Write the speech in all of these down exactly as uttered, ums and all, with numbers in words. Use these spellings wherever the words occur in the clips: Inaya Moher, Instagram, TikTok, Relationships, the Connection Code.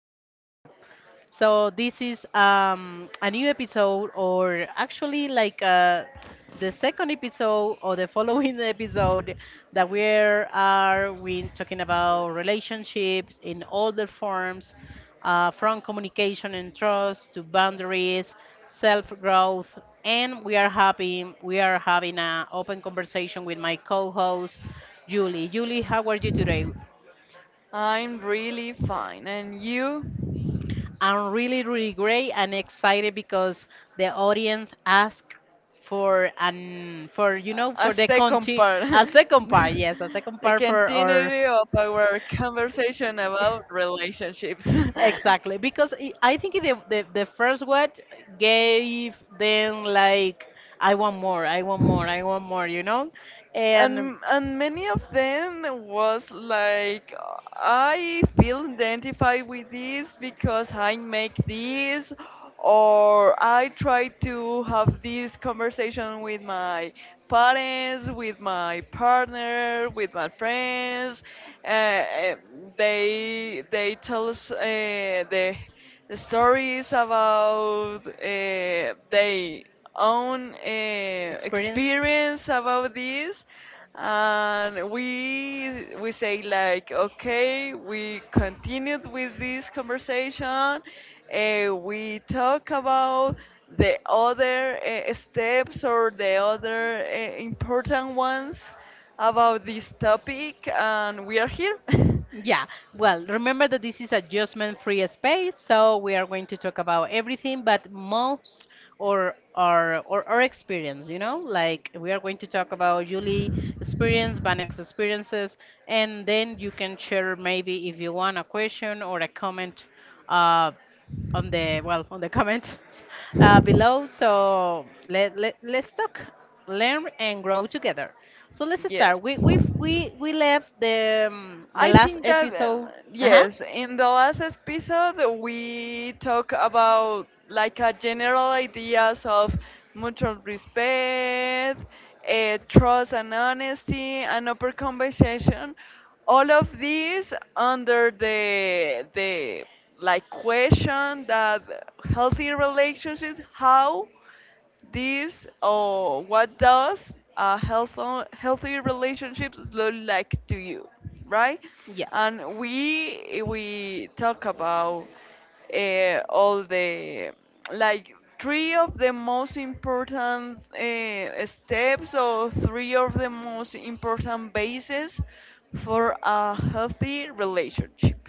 Part two. So this is um, a new episode, or actually like uh, the second episode or the following episode that we are we talking about relationships in all their forms, uh, from communication and trust to boundaries, self-growth, and we are happy we are having an open conversation with my co-host Julie. Julie, how are you today? I'm really fine. And you? I'm really, really great and excited because the audience asked for an for you know A for the second continue part. a second part. Yes, a second The part for our continuity of our conversation about relationships. exactly, because i I think the, the the first one gave them like I want more, I want more, I want more, you know, and and and many of them was like, I feel identified with this because I make this, or I try to have this conversation with my parents, with my partner, with my friends. uh, uh, they they tell us uh, the the story is about uh, their own uh, experience. experience about this, and we we say like, okay, we continued with this conversation. Uh, we talk about the other uh, steps, or the other uh, important ones about this topic, and we are here. Yeah, well, remember that this is a judgment-free space, so we are going to talk about everything, but most or our or our experience, you know, like we are going to talk about Julie experience, Banek's experiences, and then you can share maybe if you want a question or a comment, uh, on the well on the comments uh, below. So let, let let's talk, learn and grow together. So let's start. We we we we left the um, the I last think that uh, episode. Uh huh. yes, in the last episode we talk about like a general ideas of mutual respect, uh, trust and honesty, and open conversation. All of these under the the like question that, healthy relationships, how this, or what does a health healthy relationships look like to you, right? Yeah. And we we talk about uh, all the like three of the most important uh, steps, or three of the most important bases for a healthy relationship.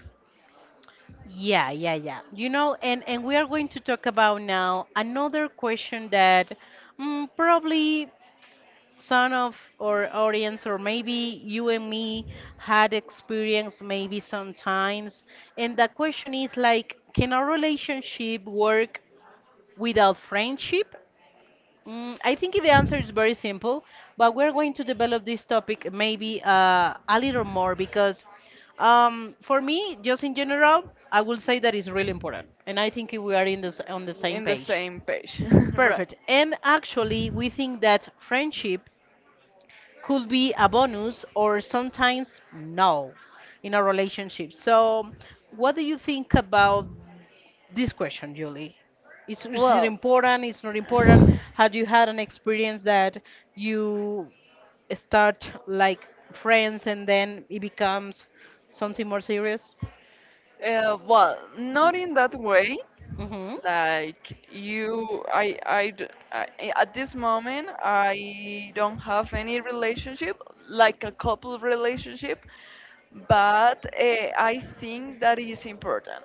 Yeah, yeah, yeah. You know, and and we are going to talk about now another question that mm, probably some of our audience or maybe you and me had experienced maybe sometimes. And the question is like, can a relationship work without friendship? Mm, I think the answer is very simple, but we're going to develop this topic maybe uh, a little more because um, for me, just in general, I will say that it's really important, and I think we are in this on the same The page. same in the page. Same page, right? Perfect. And actually, we think that friendship could be a bonus or sometimes no in a relationship. So, what do you think about this question, Julie? It's, is it important? It's not important. Had you had an experience that you start like friends and then it becomes something more serious? Uh, well, not in that way. Mm-hmm. Like you, I, I, d- I- I- at this moment, I don't have any relationship, like a couple relationship, but uh, I think that is important.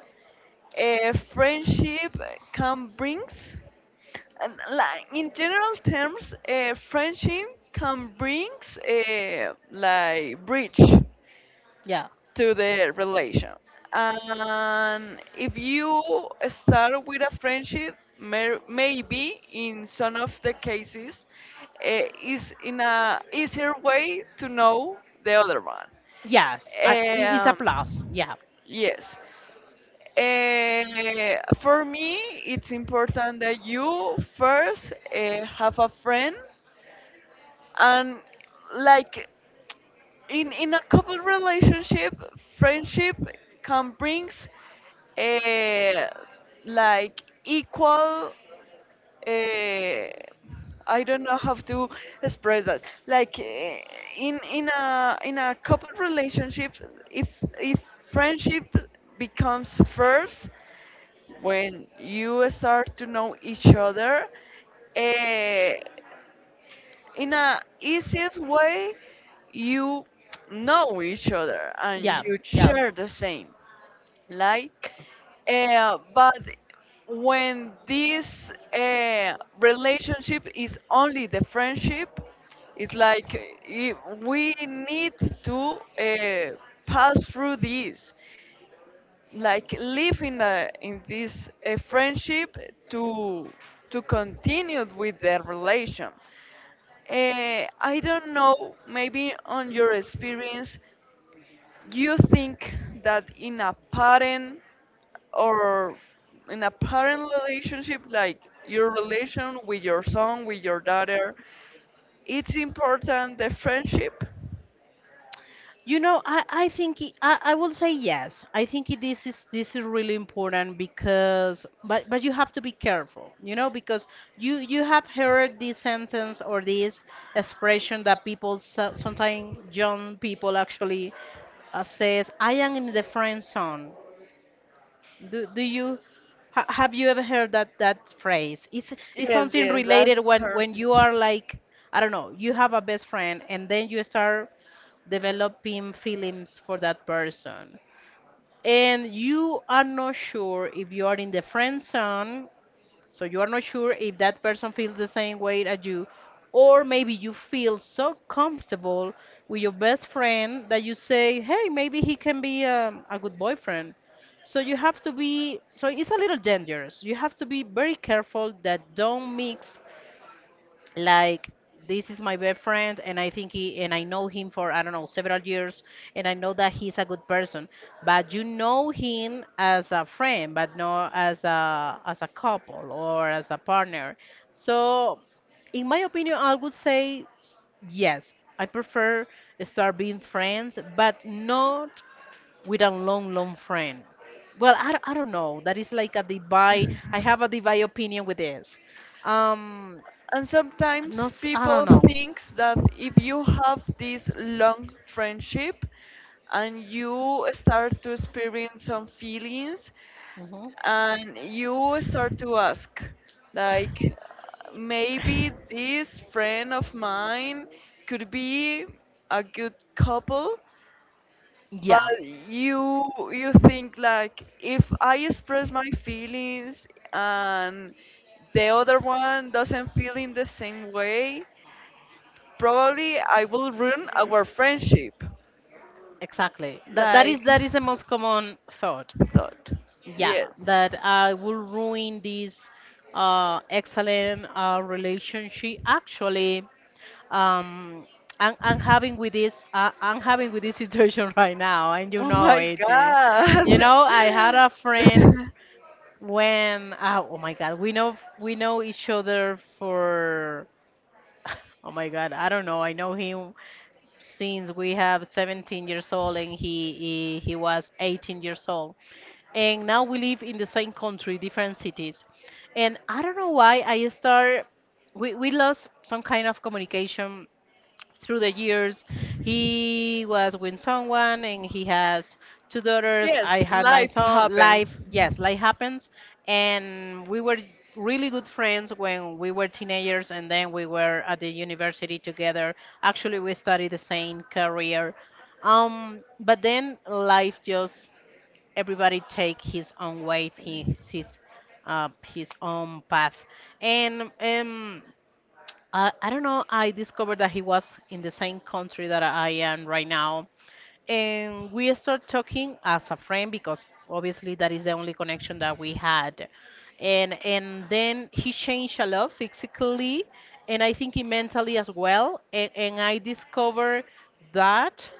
A friendship can brings, and like in general terms, a friendship can brings a like bridge Yeah. to the relation. And if you start with a friendship, may, maybe in some of the cases, eh, is in a easier way to know the other one. Yes. I, i- it's a Um, plus. Yeah. yes. Eh, for me, it's important that you first eh, have a friend, and like, in in a couple relationship, friendship can brings uh, like equal, uh, I don't know how to express that, like eh, in in a in a couple relationship, if if friendship becomes first when you start to know each other, uh, in a easiest way, you know each other and Yeah. you Yeah. share the same, like uh, but when this uh, relationship is only the friendship, it's like uh, we need to uh, pass through this, like, live in a, in this uh friendship, to to continue with the relation. uh, I don't know, maybe on your experience, you think that in a parent, or in a parent relationship, like your relation with your son, with your daughter, it's important the friendship. You know, I, I think it, I, I will say yes. I think it, this is this is really important because but but you have to be careful, you know, because you you have heard this sentence or this expression that people so, sometimes young people actually uh, says I am in the friend zone. Do do you ha, have you ever heard that that phrase? It's it's Yes, something yes, that's related when her. when you are like I don't know, you have a best friend and then you start developing feelings for that person. And you are not sure if you are in the friend zone, so you are not sure if that person feels the same way as you, or maybe you feel so comfortable with your best friend that you say, hey, maybe he can be um, a good boyfriend. So you have to be, so it's a little dangerous. You have to be very careful that don't mix like this is my best friend and I think he and I know him for I don't know several years and I know that he's a good person but you know him as a friend but not as a as a couple or as a partner so in my opinion I would say yes I prefer start being friends but not with a long long friend. Well, i, don't- I don't know that is like a divide. I have a divide opinion with this. um And no, sometimes s- I people don't know. thinks that if you have this long friendship and you start to experience some feelings, Hmm. and you start to ask, like, maybe this friend of mine could be a good couple, but Yeah, you you think like, if I express my feelings and the other one doesn't feel in the same way, probably I will ruin our friendship. exactly. That that Like is that is the most common thought. thought. Yeah, Yes. that I will ruin this uh, excellent uh, relationship. Actually, um, I'm, I'm having with this uh, I'm having with this situation right now, and you Oh know my it. Eh. You God. know, I had a friend when uh, oh my God, we know we know each other for oh my God, I don't know. I know him since we have seventeen years old and he, he he was eighteen years old. And now we live in the same country, different cities. And I don't know why I start we we lost some kind of communication through the years. He was with someone and he has two daughters. I Yes, had my life son. Life, happens. yes, life happens. And we were really good friends when we were teenagers and then we were at the university together. Actually we studied the same career. Um but then life just everybody take his own way, his his uh, his own path. And um I, I don't know. I discovered that he was in the same country that I am right now. And we start talking as a friend because obviously that is the only connection that we had. And and then he changed a lot physically, and I think he mentally as well. And, and I discovered that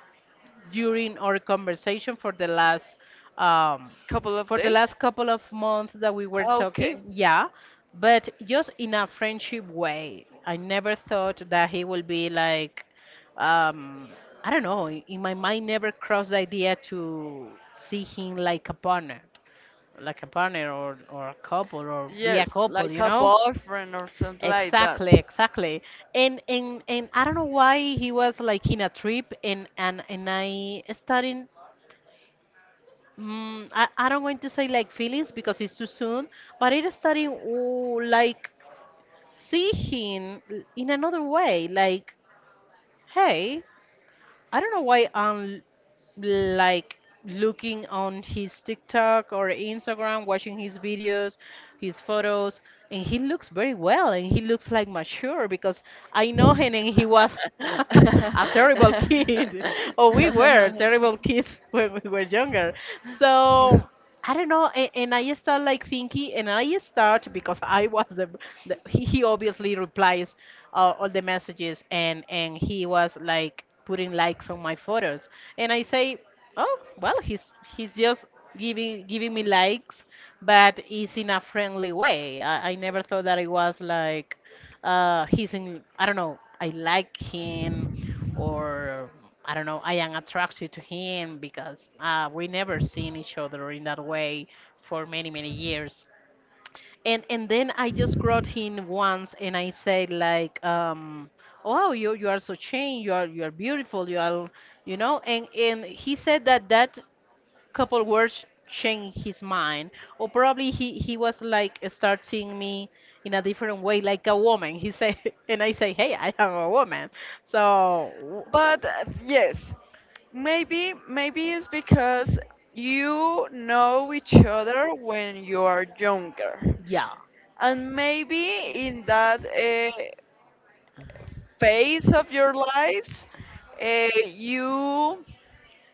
during our conversation for the last um, Couple of for the days? last couple of months that we were talking, Okay. yeah, but just in a friendship way. I never thought that he will be like, um, I don't know. In in my mind, never crossed the idea to see him like a partner, like a partner or or a couple or be a Yes, couple, like you a know. boyfriend or something like that. Exactly, exactly. And and and I don't know why he was like in a trip, and and and I starting mm, I, I don't want to say like feelings because it's too soon, but it starting oh, like see him in another way, like hey, I don't know why I'm like looking on his TikTok or Instagram, watching his videos, his photos, and he looks very well and he looks like mature because I know him and he was a terrible kid, or we were terrible kids when we were younger. So I don't know, and, and I start like thinking, and I start because I was the, the he, he obviously replies uh, all the messages, and and he was like putting likes on my photos, and I say, oh well, he's he's just giving giving me likes, but it's in a friendly way. I, I never thought that it was like uh, he's in, I don't know, I like him, or I don't know, I am attracted to him because uh, we never seen each other in that way for many many years. And and then I just got him once, and I said like, um, "Wow, you you are so changed. You are you are beautiful. You are, you know." And and he said that that couple words changed his mind, or probably he he was like start seeing me in a different way, like a woman. He said, and I say, "Hey, I am a woman." So. But uh, yes, maybe maybe it's because you know each other when you are younger, Yeah. and maybe in that uh, phase of your lives, uh, you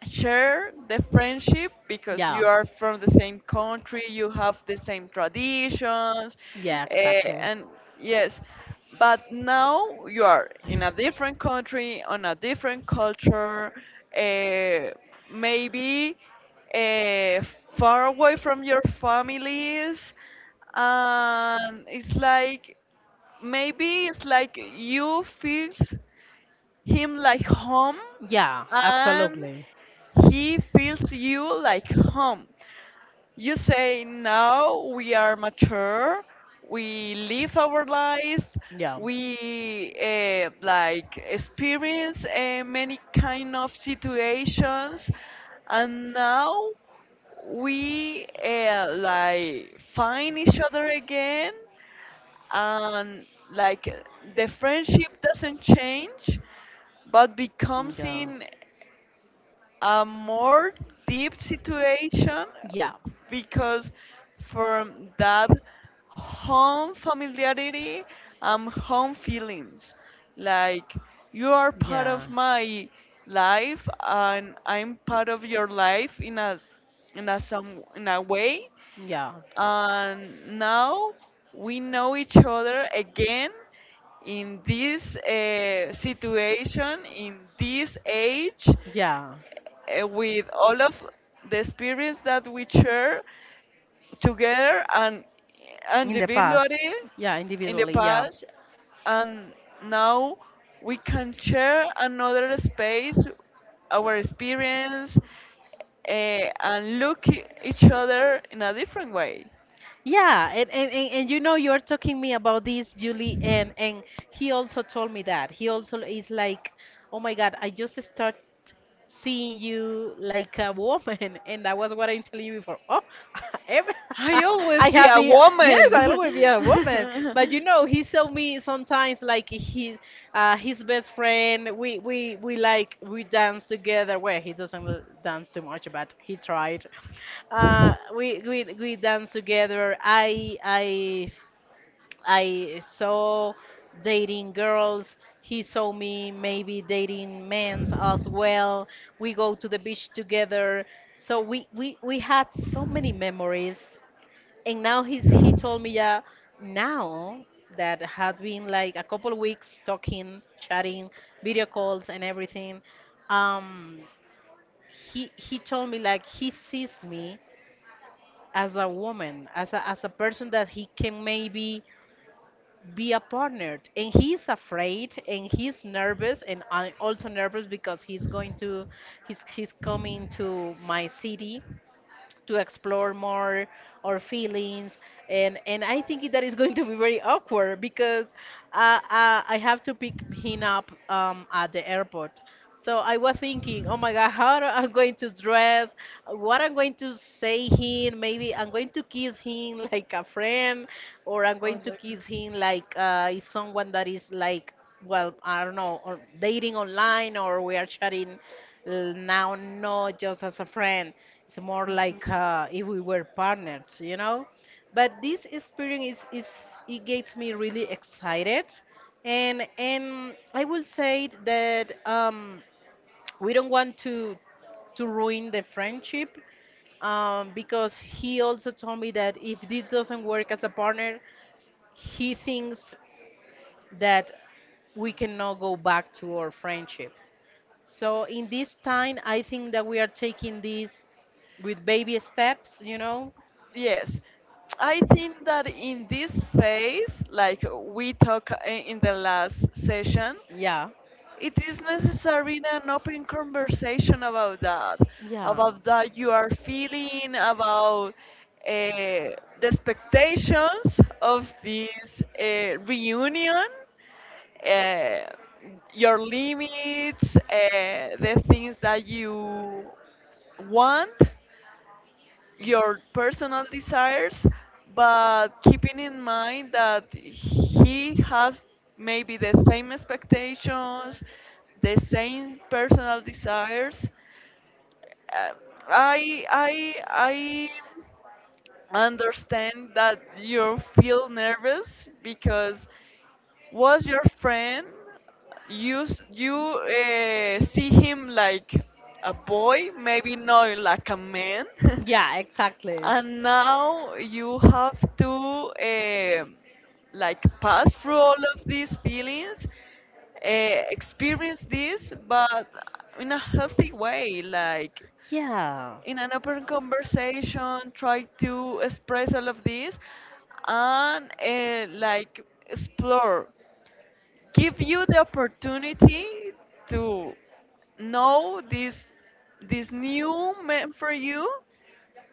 share the friendship because Yeah. you are from the same country, you have the same traditions, Yeah, uh, exactly. and yes, but now you are in a different country, on a different culture, uh, maybe uh, far away from your families, and it's like, maybe it's like you feels him like home, Yeah, and absolutely. he feels you like home. You say, now we are mature, we live our life. Yeah. We uh, like experience uh, many kind of situations, and now we uh, like find each other again, and like, the friendship doesn't change, but becomes Yeah. in a more deep situation, Yeah. because from that home familiarity and home feelings, like, you are part of Yeah. my life and I'm part of your life in a in a some in a way. Yeah. And now we know each other again, in this uh, situation, in this age, Yeah. uh, with all of the experience that we share together and In the past. individually, Yeah, in the individually. Yeah. past. And now we can share another space, our experience, uh, and look e- each other in a different way. Yeah, and, and, and, and you know you're talking me about this, Julie, and and he also told me that. He also is like, oh my God, I just start seeing you like a woman, and that was what I'm telling you before. Oh, every, I always I be have a been, yes, woman. I'll always be a woman. But you know, he saw me sometimes like his uh, his best friend. We we we like we dance together. Well, he doesn't l- dance too much, but he tried uh, we we we dance together. I I I saw dating girls. He saw me maybe dating men's as well. We go to the beach together. So we we we had so many memories. And now he's he told me yeah, now that had been like a couple weeks talking, chatting, video calls and everything. Um, he he told me like he sees me as a woman, as a, as a person that he can maybe be a partner. And he's afraid and he's nervous and I'm also nervous because he's going to he's he's coming to my city to explore more our feelings. and and I think that is going to be very awkward because uh, uh, I have to pick him up um, at the airport. So I was thinking, oh my God, how do- I'm going to dress, what I'm going to say him. Maybe I'm going to kiss him like a friend, or I'm going to kiss him like uh, is someone that is like, well, I don't know, or dating online, or we are chatting. L- Now, not just as a friend, it's more like uh, if we were partners, you know? But this experience is, is it gets me really excited. And, and I will say that um, we don't want to, to ruin the friendship um, because he also told me that if this doesn't work as a partner, he thinks that we cannot go back to our friendship. So in this time, I think that we are taking this with baby steps, you know? Yes, I think that in this phase, like we talked in the last session, Yeah. it is necessary in an open conversation about that, Yeah. about that you are feeling, about uh, the expectations of this uh, reunion, uh, your limits, uh, the things that you want, your personal desires, but keeping in mind that he has maybe the same expectations, the same personal desires. Uh, I I I understand that you feel nervous because was your friend. You s- you uh, see him like a boy, maybe not like a man, Yeah, exactly. and now you have to uh, like pass through all of these feelings, uh, experience this, but in a healthy way, like Yeah. in an open conversation, try to express all of this, and uh, like explore, give you the opportunity to know this, this new man for you,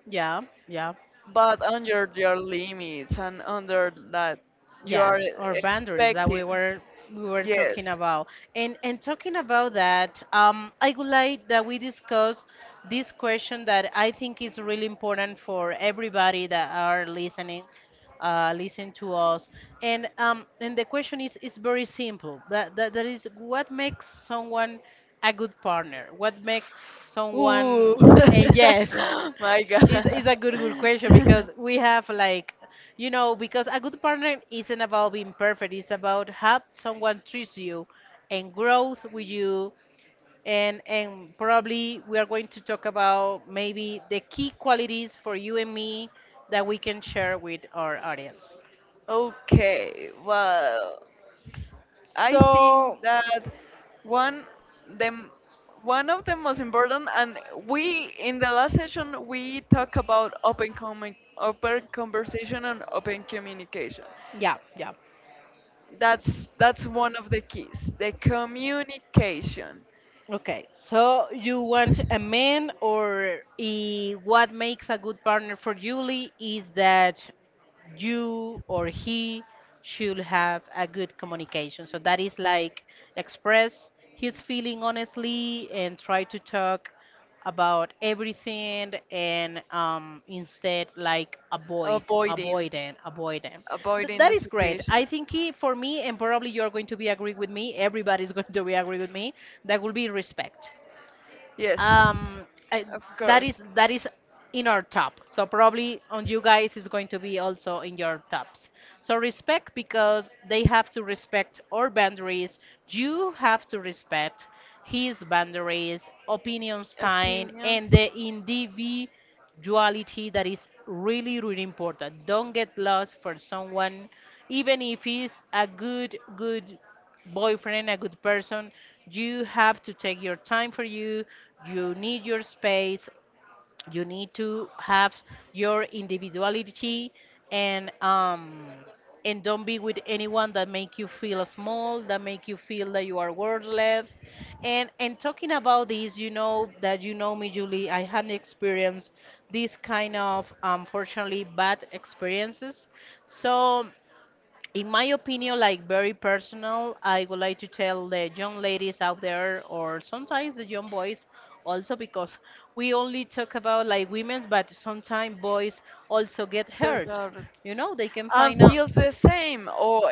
Yeah. Yeah. but under your limits, and under that you are Yes, or boundaries that expecting. we were we were talking Yes. about. And and talking about that, um, I would like that we discuss this question that I think is really important for everybody that are listening, uh, listen to us. And um, and the question is is very simple. That, that that is what makes someone a good partner? What makes Ooh, someone? And yes, my is God. is a good good question because we have like you know, because a good partner isn't about being perfect, it's about how someone treats you and growth with you. And, and probably we are going to talk about maybe the key qualities for you and me that we can share with our audience. Okay, well, I So, think that one, the m- one of the most important, and we in the last session we talk about open comment, open conversation, and open communication. yeah, yeah. That's that's one of the keys, the communication. Okay, so you want a man, or i- what makes a good partner for Julie is that you or he should have a good communication. So that is like express his feeling honestly and try to talk about everything and um, instead like avoid, Avoiding, avoid them, avoid them. Th- avoiding that the is great. situation. I think he, for me, and probably you're going to be agree with me, everybody's going to be agree with me, that will be respect. Yes, Um, I, of that course. is that is in our top. So probably on you guys is going to be also in your tops. So respect because they have to respect our boundaries. You have to respect his boundaries, opinions, time, Opinions. and the individual duality that is really really important. Don't get lost for someone even if he's a good good boyfriend, a good person. You have to take your time for you. You need your space. You need to have your individuality, and um and don't be with anyone that make you feel small, that make you feel that you are worthless. And and talking about this, you know that you know me, Julie. I had experienced this kind of unfortunately bad experiences. So in my opinion, like very personal, I would like to tell the young ladies out there, or sometimes the young boys also, because we only talk about like women's, but sometimes boys also get hurt. Daughters. You know, they can And find out. feels Uh, the same, or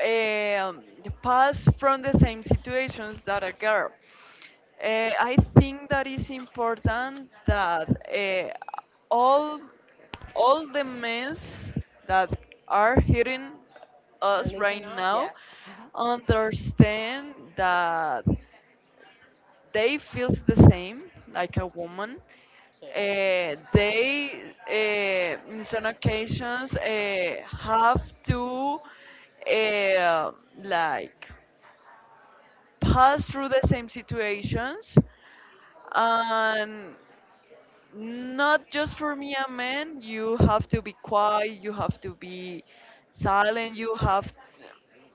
um, pass from the same situations that a girl. Uh, I think that is important that uh, all all the men that are hearing us Listen right us, now yes. Hmm. understand that they feels the same like a woman. So, Uh, they uh, in some occasions uh, have to uh, like pass through the same situations, and not just for me, and men, you have to be quiet, you have to be silent, you have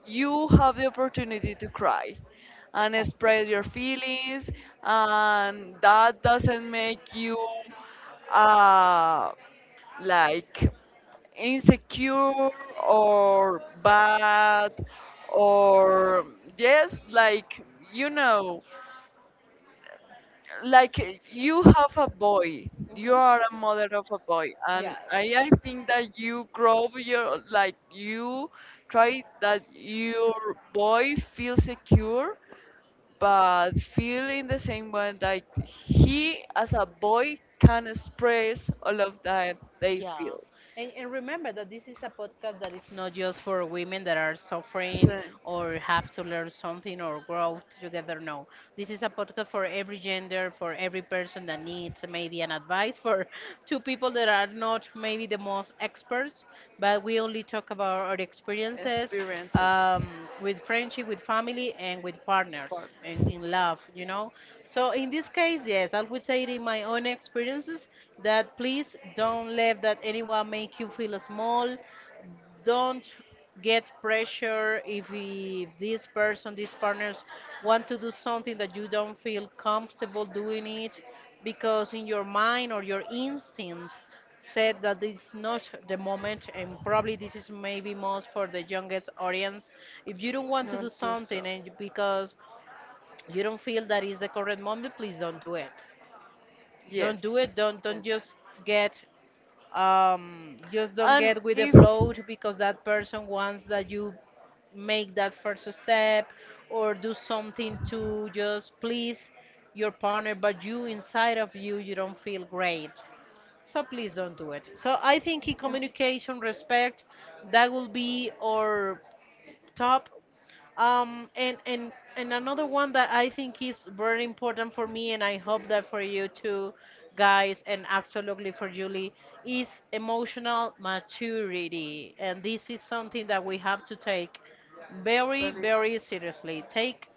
you have the opportunity to cry and exactly. express your feelings, and that doesn't make you uh, like insecure, or bad, or, yes, like, you know, like eh, you have a boy, you Mhm. are a mother of a boy, and Yeah. i i think that you grow your, like, you try that your boy feel secure, but feel in the same way, like he as a boy can express all of that they Yeah. feel. And, and remember that this is a podcast that is not just for women that are suffering Right. or have to learn something or grow together. No, this is a podcast for every gender, for every person that needs maybe an advice, for two people that are not maybe the most experts, but we only talk about our experiences, Experiences. um, with friendship, with family, and with partners, Partners. and in love, you know. So in this case, yes, I would say it in my own experiences that please don't let that anyone make you feel small. Don't get pressure if, if this person, these partners, want to do something that you don't feel comfortable doing it, because in your mind or your instincts said that it's not the moment. And probably this is maybe most for the youngest audience: if you don't want to Not do do so. something, and because you don't feel that is the correct moment, please don't do it. Don't do Yes. it. don't Then. don't just get um, just don't And get with the if. flow because that person wants that you make that first step or do something to just please your partner, but you inside of you you don't feel great. So please don't do it. So I think in communication, respect, that will be our top. Um, and, and, and another one that I think is very important for me, and I hope that for you too, guys, and absolutely for Julie, is emotional maturity. And this is something that we have to take very, Really. very seriously. Take,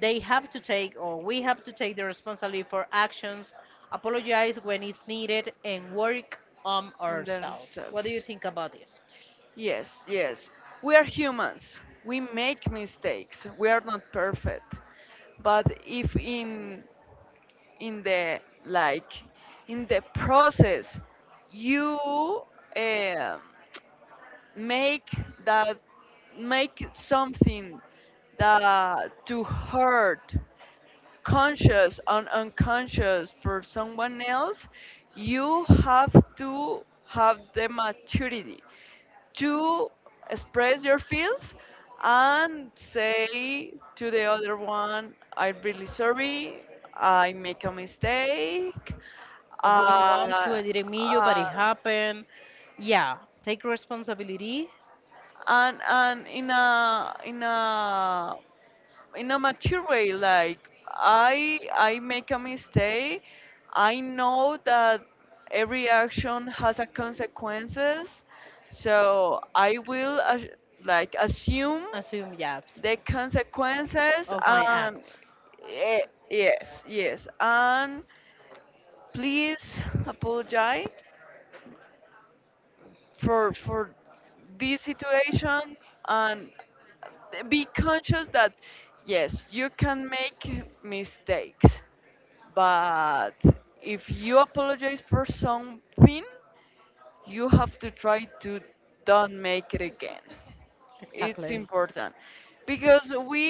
They have to take, or we have to take the responsibility for actions, apologize when it's needed, and work on On ourselves. What do you themselves. think about this? Yes, yes. We are humans. We make mistakes. We are not perfect. But if in in the like, in the process, you um make that, make something that to hurt, conscious and unconscious, for someone else, you have to have the maturity to express your feels and say to the other one, I'm really sorry, I make a mistake. I didn't Uh, want to, I didn't mean you, uh, but it happened. yeah. Yeah, take responsibility, and and in a in a in a mature way, like, i i make a mistake, I know that every action has a consequences, so I will as- like assume assume jobs the consequences, of my and act. eh, yes, yes, and please apologize for for this situation, and be conscious that yes, you can make mistakes, but if you apologize for something, you have to try to don't make it again. It's Exactly. important, because we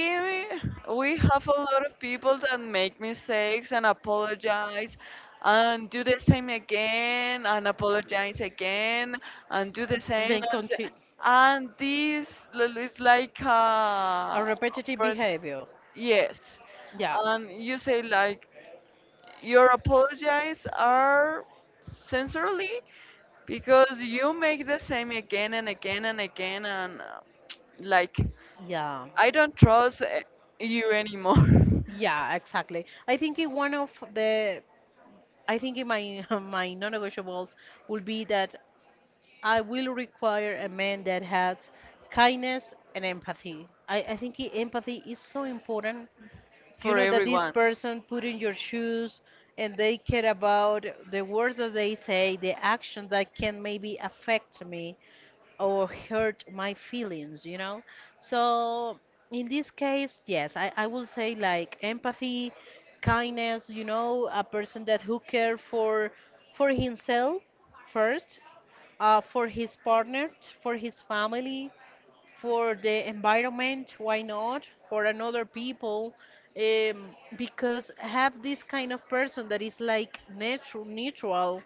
we have a lot of people that make mistakes and apologize, and do the same again and apologize again, and do the And same then and, s- continue. and this l- is like A uh repetitive pers- behavior. yes, Yeah, and you say like your apologies are sincerely, because you make the same again and again and again, and uh, like, yeah. I don't trust uh, you anymore. Yeah, exactly. I think in one of the, I think in my my non-negotiables would be that I will require a man that has kindness and empathy. I, I think i- empathy is so important. You For know that this everyone. person put in your shoes and they care about the words that they say, the actions that can maybe affect me or hurt my feelings, you know? So in this case, yes, I, I will say like empathy, kindness, you know, a person that who care for for himself first, uh, for his partner, for his family, for the environment, why not? For another people, um, because have this kind of person that is like neutral, neutral,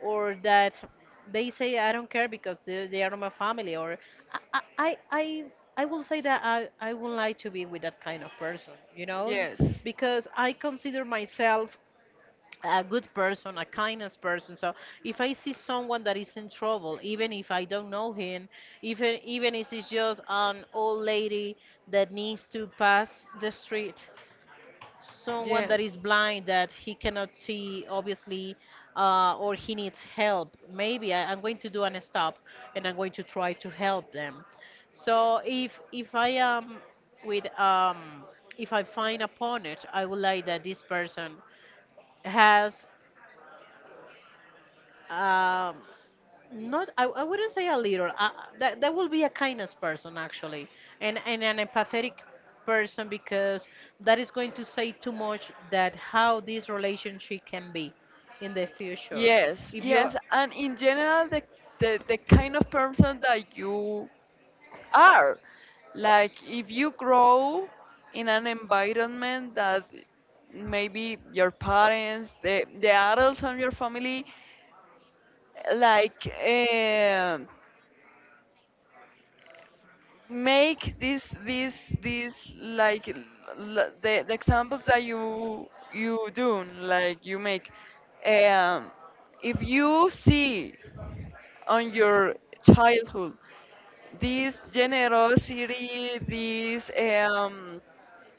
or that they, say I don't care because they, they are my family, or I, I, I, I I will say that I, I would like to be with that kind of person, you know, because I consider myself a good person, a kindness person. So if I see someone that is in trouble, even if I don't know him, even even if it's just an old lady that needs to pass the street, someone that Yes. is blind that he cannot see, obviously, uh, or he needs help. Maybe I, I'm going to do an stop and I'm going to try to help them. So if if I am with um, if I find a partner, I would like that this person has. Um, Not, I, I wouldn't say a little. Uh, that that will be a kindness person actually, and and an empathetic person, because that is going to say too much that how this relationship can be in the future. Yes, If you're yes, and in general, the, the the kind of person that you are, like if you grow in an environment that maybe your parents, the the adults on your family, like um make this this this like l- l- the, the examples that you you do, like you make, um if you see on your childhood this generosity, this um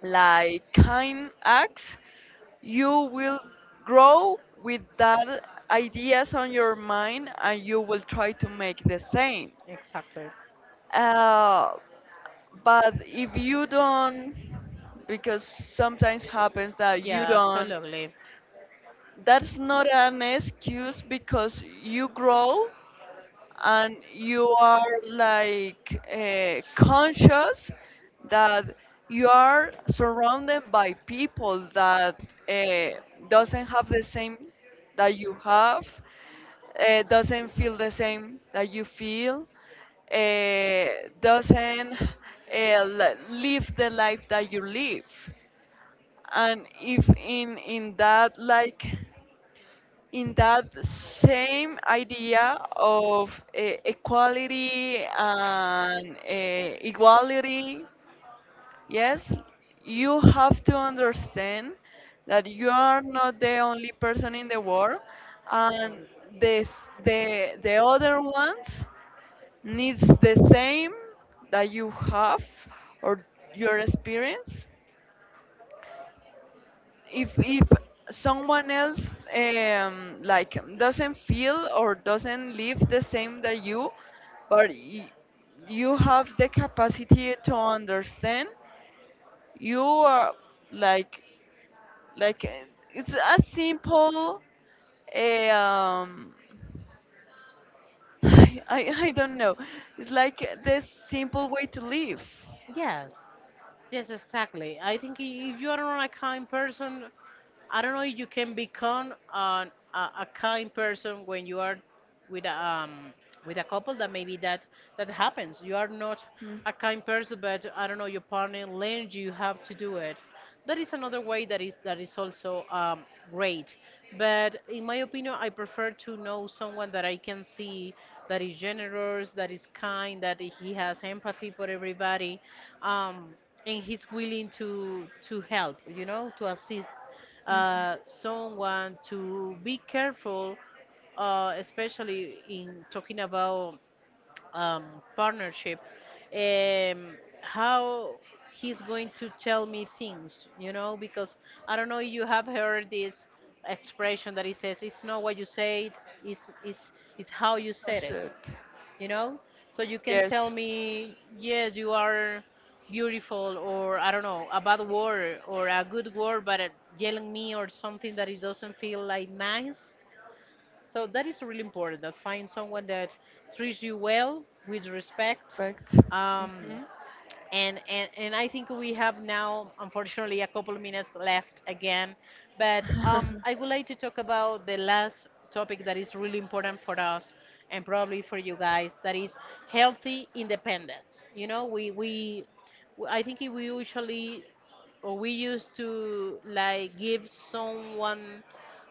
like kind acts, you will grow with that ideas on your mind, and you will try to make the same. Exactly, Uh, but if you don't, because sometimes happens that you yeah, don't, absolutely. that's not an excuse, because you grow and you are like uh, conscious that you are surrounded by people that uh, doesn't have the same that you have, uh, doesn't feel the same that you feel, uh, doesn't uh, li- live the life that you live, and if in in that, like in that same idea of uh, equality and uh, equality, yes, you have to understand that you are not the only person in the world, and this, the the other ones needs the same that you have, or your experience. If if someone else um, like doesn't feel or doesn't live the same that you, but y- you have the capacity to understand, you are like, like uh, it's a simple, a um I, I I don't know, it's like the simple way to live. Yes, yes, exactly. I think i- if you are not a kind person, I don't know if you can become an, a, a kind person when you are with a, um, with a couple that maybe that that happens. You are not Mm. a kind person, but I don't know your partner learns you how to do it. That is another way that is that is also um, great. But in my opinion, I prefer to know someone that I can see that is generous, that is kind, that he has empathy for everybody, um, and he's willing to to help. You know, to assist uh, someone to be careful, uh, especially in talking about um, partnership, um, how he's going to tell me things, you know, because I don't know if you have heard this expression that he says, it's not what you said, it's, it's, it's how you Oh said it, shit. you know? So you can tell Yes. me, yes, you are beautiful, or I don't know, a bad word or a good word, but uh, yelling me or something that it doesn't feel like nice. So that is really important. That find someone that treats you well with respect. Perfect. Um, Um, hmm. and and and I think we have now, unfortunately, a couple of minutes left again. But um, I would like to talk about the last topic that is really important for us and probably for you guys. That is healthy independence. You know, we we I think we usually or we used to like give someone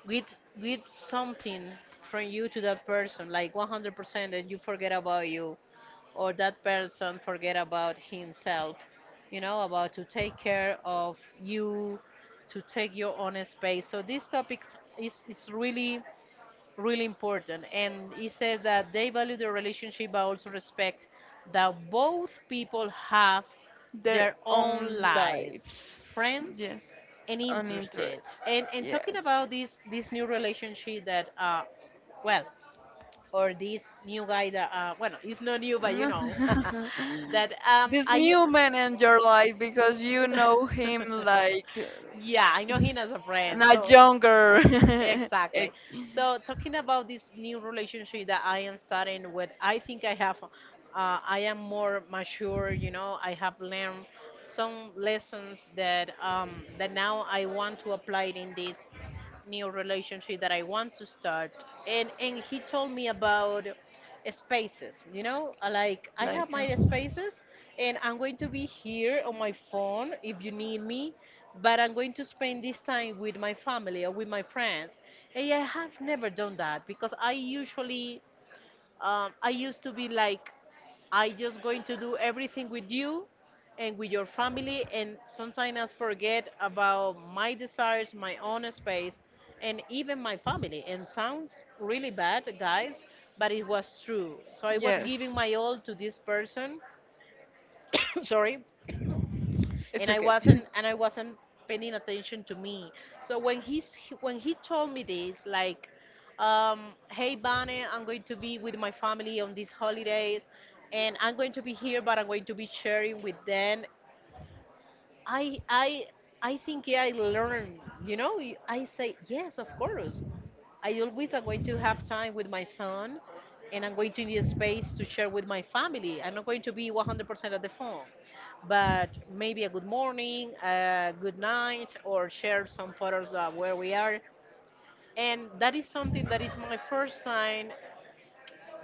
with with something from you to that person like one hundred percent, and you forget about you, or that person forget about himself, you know, about to take care of you, to take your own space. So this topic is, is really really important, and it says that they value the relationship but also respect that both people have Their their own own lives, lives. friends, Yes. and On interest. interested. And and Yes. talking about this this new relationship that uh well, or this new guy that uh well, it's not new, but you No. know, that um This it's, new man in your life, because you know I him like yeah, I know him as a uh, friend, not so younger. exactly. Ex-. So talking about this new relationship that I am starting with, I think I have uh, I am more mature, you know, I have learned some lessons that um that now I want to apply in this new relationship that I want to start. And and he told me about spaces. You know, I like I have my spaces, and I'm going to be here on my phone if you need me. But I'm going to spend this time with my family or with my friends. And I have never done that because I usually um, I used to be like I just going to do everything with you and with your family, and sometimes I forget about my desires, my own space, and even my family. And sounds really bad, guys, but it was true. So I was giving my all to this person. Sorry. and I wasn't and I wasn't paying attention to me. So when he's when he told me this, like, um, hey Bonnie, I'm going to be with my family on these holidays, and I'm going to be here, but I'm going to be sharing with them. I I I think yeah, I learned. You know, I say yes, of course. I always am going to have time with my son, and I'm going to need space to share with my family. I'm not going to be one hundred percent at the phone, but maybe a good morning, a good night, or share some photos of where we are. And that is something that is my first sign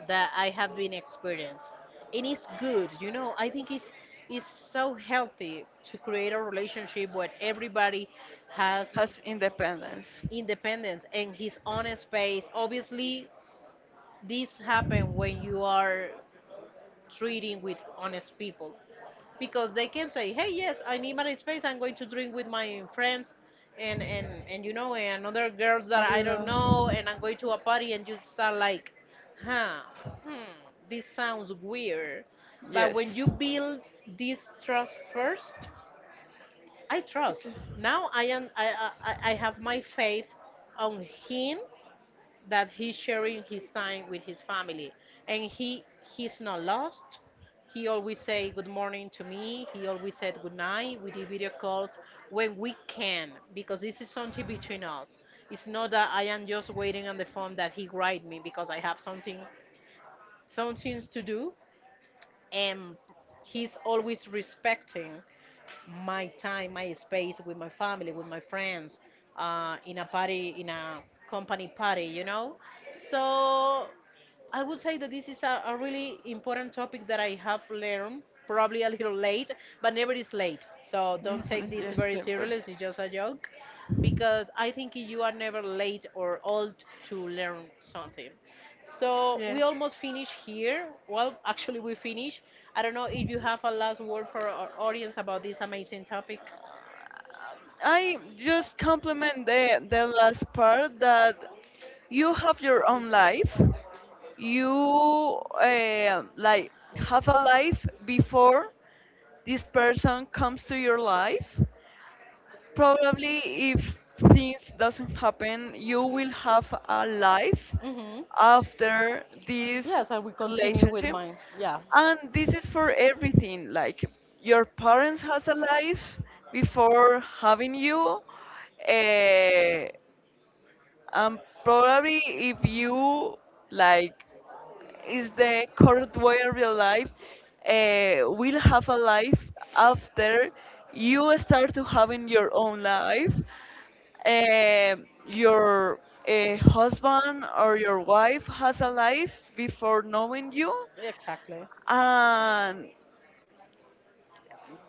that I have been experienced. And it's good, you know, I think it's, it's so healthy to create a relationship where everybody has Independence. independence and his own space. Obviously, this happen when you are treating with honest people, because they can say, hey, yes, I need my space, I'm going to drink with my friends, and and and you know, and other girls that I don't know, and I'm going to a party, and you start like, huh, hmm, this sounds weird. When. But Yes. when you build this trust first, I trust. Now I am I I, I I have my faith on him, that he's sharing his time with his family, and he he's not lost. He always say good morning to me, he always said good night, we do video calls when we can, because this is something between us. It's not that I am just waiting on the phone that he write me, because I have something some things to do. And he's always respecting my time, my space with my family, with my friends, uh, in a party, in a company party, you know? So I would say that this is a, a really important topic that I have learned, probably a little late, but never is late. So Take. don't take Mhm, this yes, very of course. seriously, it's just a joke, because I think you are never late or old to learn something. So we Yes. almost finish here. Well, actually, we finish. I don't know if you have a last word for our audience about this amazing topic. I just compliment the the last part, that you have your own life. You eh, like have a life before this person comes to your life. Probably if things doesn't happen, you will have a life Hmm. after this Yes, I will continue with relationship. mine. Yeah, And this is for everything, like, your parents has a life before having you. uh, um, probably if you, like, is the current way of your life, uh, will have a life after you start to having your own life. Uh, your uh, husband or your wife has a life before knowing you, exactly. and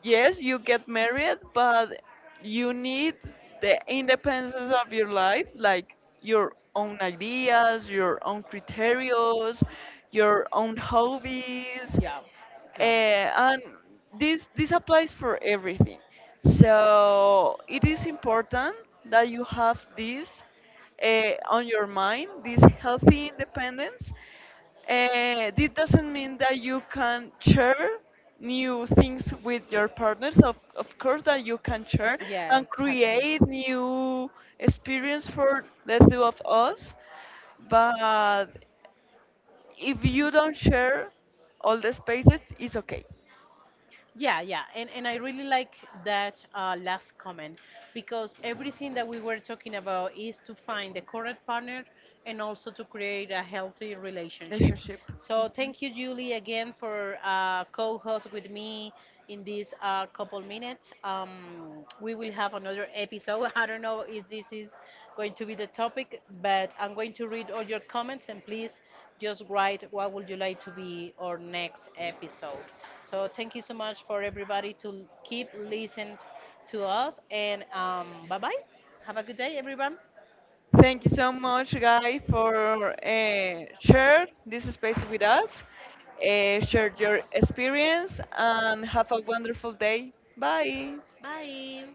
yes, you get married, but you need the independence of your life, like your own ideas, your own criterios, your own hobbies, Yeah, uh, yeah. and this this applies for everything. So it is important that you have this uh, on your mind, this healthy independence. Uh, this doesn't mean that you can share new things with your partners. Of, of course, that you can share Yeah, and create new exactly. experience for the two of us. But if you don't share all the spaces, it's okay. Yeah, yeah, and and I really like that uh, last comment, because everything that we were talking about is to find the correct partner and also to create a healthy relationship. Relationship. So Mhm. thank you, Julie, again for uh, co-host with me in these uh, couple minutes. Um, we will have another episode. I don't know if this is going to be the topic, but I'm going to read all your comments, and please just write what would you like to be our next episode. So thank you so much for everybody to keep listening to us, and um, bye bye. Have a good day, everyone. Thank you so much, Guy, for uh, share this space with us. Uh, share your experience and have a wonderful day. Bye. Bye.